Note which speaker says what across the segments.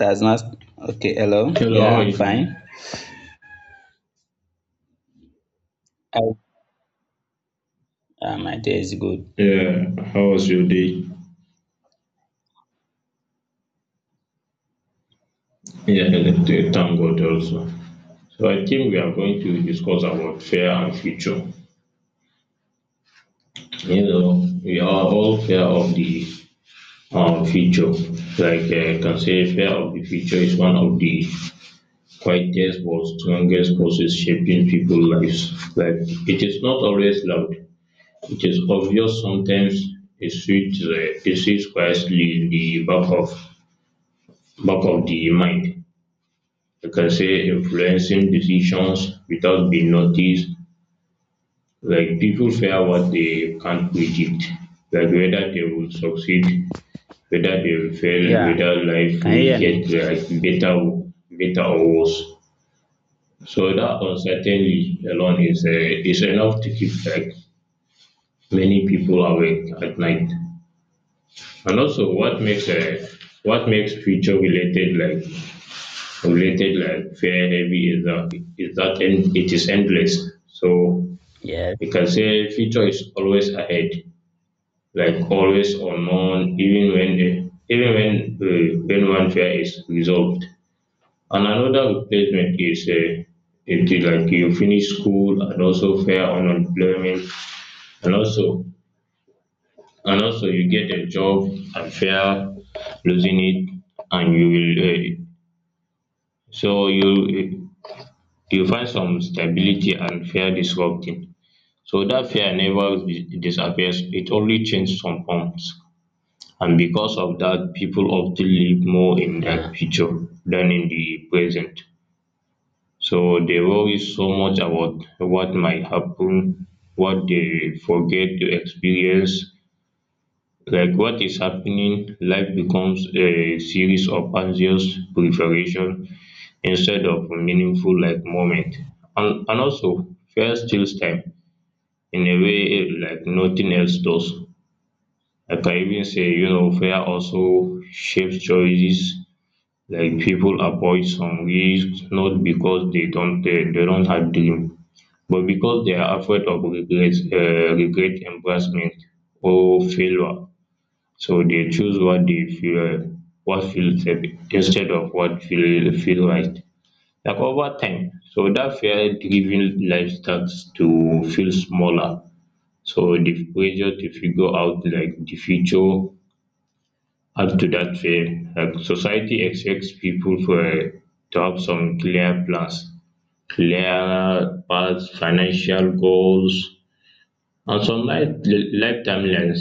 Speaker 1: That's not okay. Hello.
Speaker 2: Hello,
Speaker 1: Yeah,
Speaker 2: how are
Speaker 1: I'm
Speaker 2: you
Speaker 1: fine.
Speaker 2: doing?
Speaker 1: How My day is good.
Speaker 2: Yeah, how was your day? Yeah, thank God also. So I think we are going to discuss about fear and future. You know, we are all fear of the future. Like I can say fear of the future is one of the quietest but strongest forces shaping people's lives. Like it is not always loud. It is obvious sometimes it sits, it sits quietly in the back of the mind. You can say influencing decisions without being noticed. Like people fear what they can't predict, like whether they will succeed, whether they will fail,
Speaker 1: Yeah.
Speaker 2: whether life
Speaker 1: Can you
Speaker 2: will
Speaker 1: hear
Speaker 2: get
Speaker 1: me?
Speaker 2: like better, better or worse. So that uncertainty alone is enough to keep like many people awake at night. And also, what makes future related like fair heavy is that end, it is endless. So
Speaker 1: Yes.
Speaker 2: we can say future is always ahead, like always unknown, even when when one fair is resolved. And another replacement is it is like you finish school and also fair on unemployment and also and also you get a job and fair losing it and you will so you find some stability and fear disrupting. So that fear never disappears, it only changes some forms. And because of that, people often live more in that
Speaker 1: Yeah.
Speaker 2: future than in the present. So they worry so much about what might happen, what they forget to experience, like what is happening, life becomes a series of anxious preparation instead of meaningful like moment. And also fear steals time in a way like nothing else does. Like I even say, you know, fear also shapes choices. Like people avoid some risks not because they don't have dream, but because they are afraid of regret, regret embarrassment or failure. So they choose what they feel what feels, safe instead of what feel right. Like over time, so that fear driven life starts to feel smaller. So the pressure to figure out like the future add to that fear. Like society expects people for to have some clear plans, clear paths, financial goals, and some life timelines.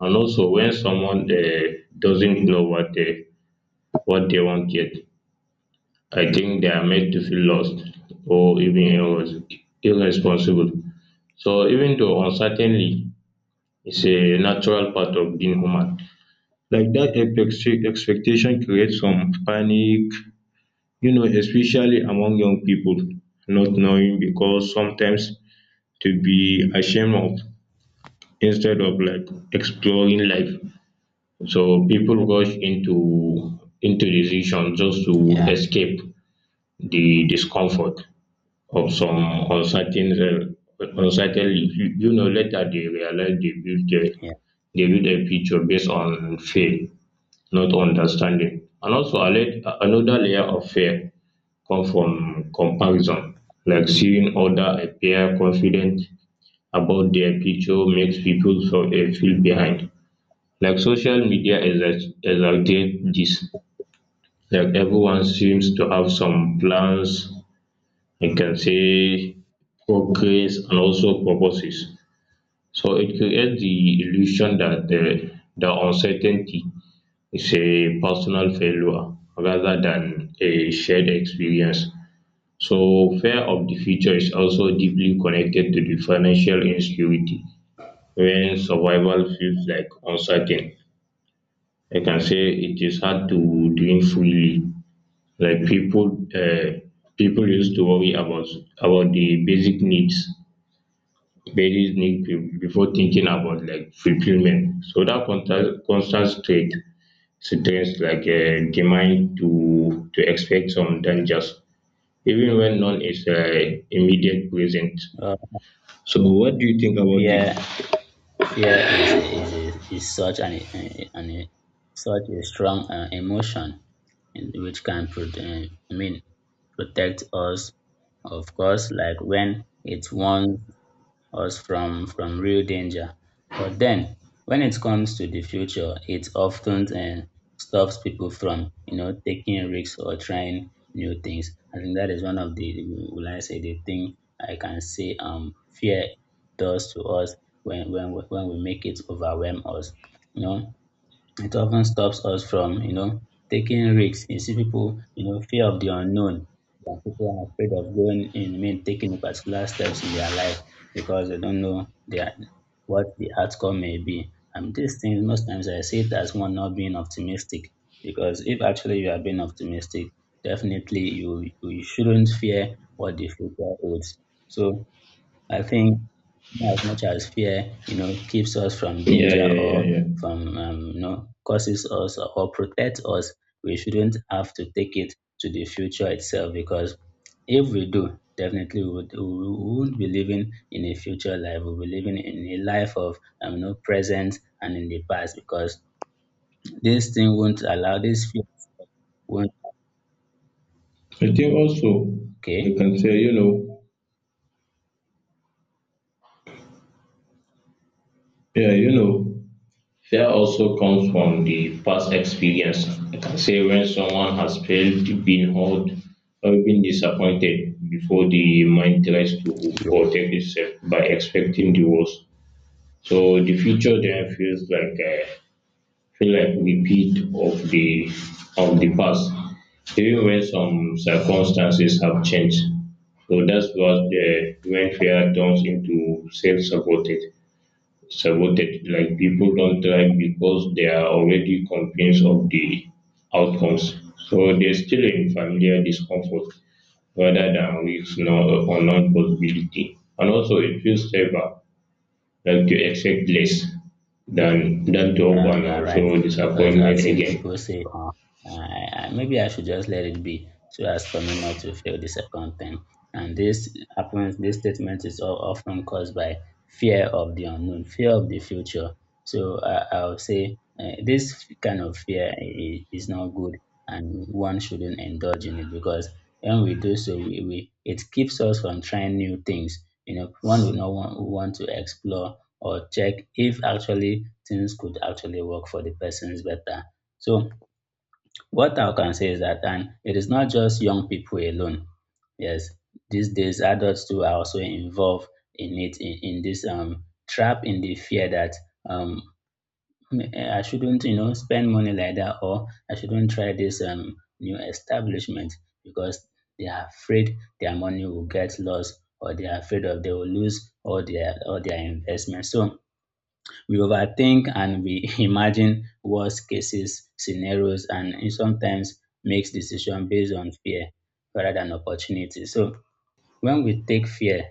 Speaker 2: And also when someone doesn't know what they won't get. I think they are made to feel lost or even irresponsible. So even though uncertainty is a natural part of being human, like that expectation creates some panic, you know, especially among young people, not knowing because sometimes to be ashamed of instead of like exploring life. So people rush into decision just to
Speaker 1: Yeah.
Speaker 2: escape the discomfort. Of some uncertain uncertainly. You know, later they realize they build a
Speaker 1: Yeah.
Speaker 2: picture based on fear not understanding. And also a another layer of fear come from comparison, like seeing other appear confident about their picture makes pipu feel behind. Like social media exacerbate this, like everyone seems to have some plans, you can say progress and also purposes. So it creates the illusion that the uncertainty is a personal failure rather than a shared experience. So fear of the future is also deeply connected to the financial insecurity when survival feels like uncertain. I can say it is hard to dream freely. Like people used to worry about the basic needs very need before thinking about like fulfillment. So that constant straight stress like demand to expect some dangers even when none is immediate present.
Speaker 1: Oh,
Speaker 2: So, what do
Speaker 1: okay.
Speaker 2: you think about it?
Speaker 1: Fear. Fear is such an such a strong emotion which can I mean protect us. Of course, like when it once us from real danger. But then, when it comes to the future, it often stops people from you know taking risks or trying new things. I think that is one of the will I say the thing I can say fear does to us when we make it overwhelm us. You know, it often stops us from, you know, taking risks. You see people, you know, fear of the unknown. And people are afraid of going in, I mean, taking particular steps in their life because they don't know their, what the outcome may be. And these things, most times I see it as one not being optimistic because if actually you are being optimistic, definitely you shouldn't fear what the future holds. So I think as much as fear, you know, keeps us from
Speaker 2: Yeah,
Speaker 1: danger
Speaker 2: yeah,
Speaker 1: or
Speaker 2: yeah,
Speaker 1: from, you know, causes us or protects us, we shouldn't have to take it to the future itself because if we do, definitely we won't be living in a future life. We'll be living in a life of, you know, present and in the past because this thing won't allow this fear. Won't,
Speaker 2: yeah. I think also you
Speaker 1: okay.
Speaker 2: can say, you know, yeah, you know, fear also comes from the past experience. I can say when someone has failed, been hurt, or been disappointed before the mind tries to protect itself by expecting the worst. So the future then feels like a feel like repeat of the past, even when some circumstances have changed. So that's what the when fear turns into self-sabotage saboted. Like people don't try because they are already convinced of the outcomes. So they still in familiar discomfort rather than risks not, or non possibility. And also it feels safer like to accept less than to hope
Speaker 1: Yeah, you
Speaker 2: and
Speaker 1: are right.
Speaker 2: also
Speaker 1: Because I've
Speaker 2: disappointment
Speaker 1: seen
Speaker 2: again.
Speaker 1: people say, maybe I should just let it be so as for me not to fail the second time. And this happens, this statement is often caused by fear of the unknown, fear of the future. So I'll say this kind of fear is not good and one shouldn't indulge in it because when we do so, we it keeps us from trying new things. You know, one would not want to explore or check if actually things could actually work for the persons better. So what I can say is that and it is not just young people alone. Yes, these days adults too are also involved in it in this trap in the fear that um, "Hmm, I shouldn't you know spend money like that or I shouldn't try this new establishment because they are afraid their money will get lost or they are afraid of they will lose all their investment. So we overthink and we imagine worst cases scenarios and it sometimes makes decision based on fear rather than opportunity. So when we take fear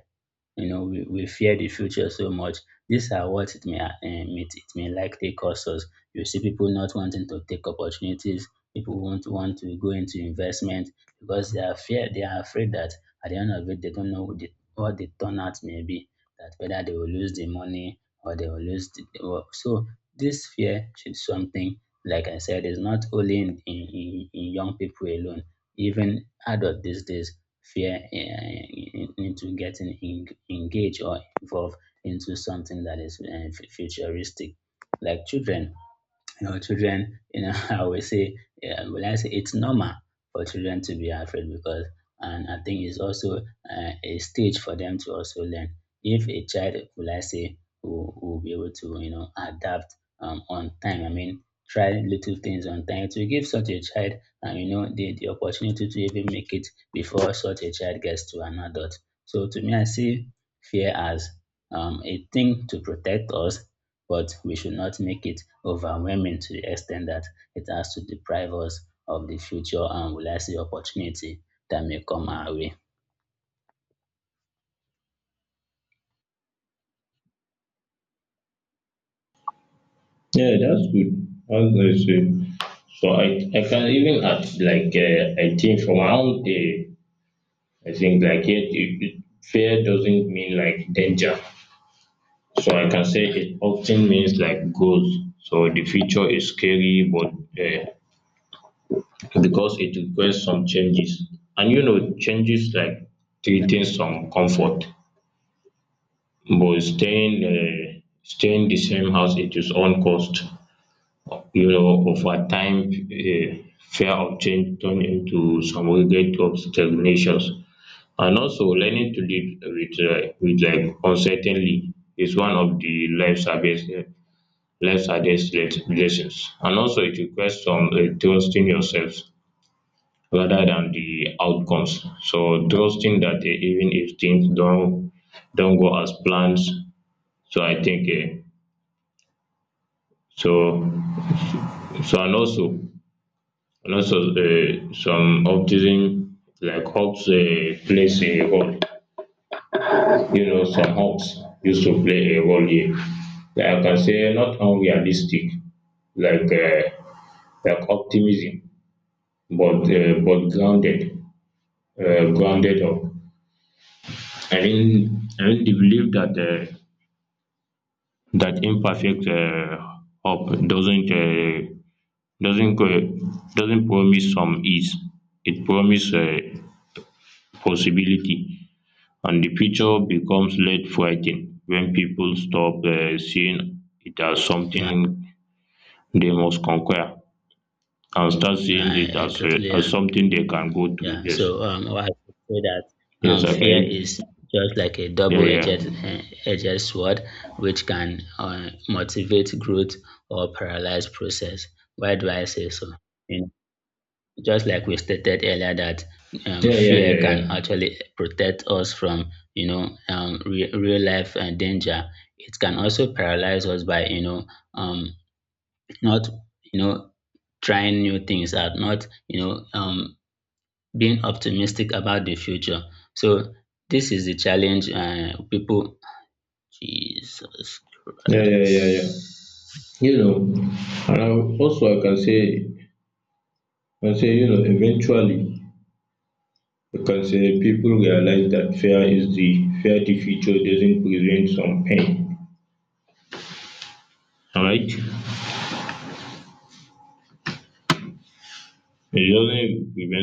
Speaker 1: you know, we fear the future so much. These are what it may likely cause us. You see people not wanting to take opportunities. People won't want to go into investment because they are fear. They are afraid that at the end of it, they don't know what what the turnout may be. That whether they will lose the money or they will lose the work. So this fear should something like I said, is not only in in young people alone even adult these days fear into getting engaged or involved into something that is futuristic like children, you know, I always say, yeah, well, I say it's normal for children to be afraid because, and I think it's also a stage for them to also learn. If a child, will I say, will be able to, you know, adapt on time, I mean, try little things on time to give such a child, you know, the opportunity to even make it before such a child gets to an adult. So to me, I see fear as a thing to protect us, but we should not make it overwhelming to the extent that it has to deprive us of the future and will I say opportunity that may come our way.
Speaker 2: Yeah, that's good. As I say. So I, I can even add like I think from our day, I think like yet fear doesn't mean like danger. So I can say it often means like goals. So the future is scary, but uh, because it requires some changes, and you know changes like treating some comfort, but staying the same house at its own cost. You know, over time, fear of change turn into some regret of stagnations, and also learning to live with like uncertainty is one of the life service eh, less adverse relations. And also it requires some trusting yourself rather than the outcomes. So trusting that even if things don't go as planned, so I think so and also some optimism like hopes plays a role. You know, some hopes used to play a role here. Like I can say not unrealistic, like uh, like optimism, but grounded grounded up. I mean the belief that that imperfect hope doesn't promise some ease. It promises possibility, and the future becomes less frightening when people stop seeing it as something
Speaker 1: Yeah,
Speaker 2: they must conquer and start seeing
Speaker 1: yeah,
Speaker 2: it
Speaker 1: I totally
Speaker 2: as
Speaker 1: agree.
Speaker 2: something they can go through.
Speaker 1: Yeah,
Speaker 2: Yes,
Speaker 1: so I would say that
Speaker 2: yes,
Speaker 1: fear
Speaker 2: okay,
Speaker 1: is just like a
Speaker 2: yeah, yeah,
Speaker 1: edged sword, which can motivate growth or paralyze process. Why do I say so? You just like we stated earlier that
Speaker 2: yeah, yeah,
Speaker 1: fear
Speaker 2: yeah,
Speaker 1: can
Speaker 2: yeah,
Speaker 1: actually protect us from you know real life danger it can also paralyze us by you know um, not you know trying new things out not you know being optimistic about the future so this is the challenge people jesus
Speaker 2: yeah, yeah, yeah, yeah.
Speaker 1: christ
Speaker 2: You know, and I also I can say you know eventually I can say people realize that fear is the fear the future doesn't prevent some pain, alright, it doesn't prevent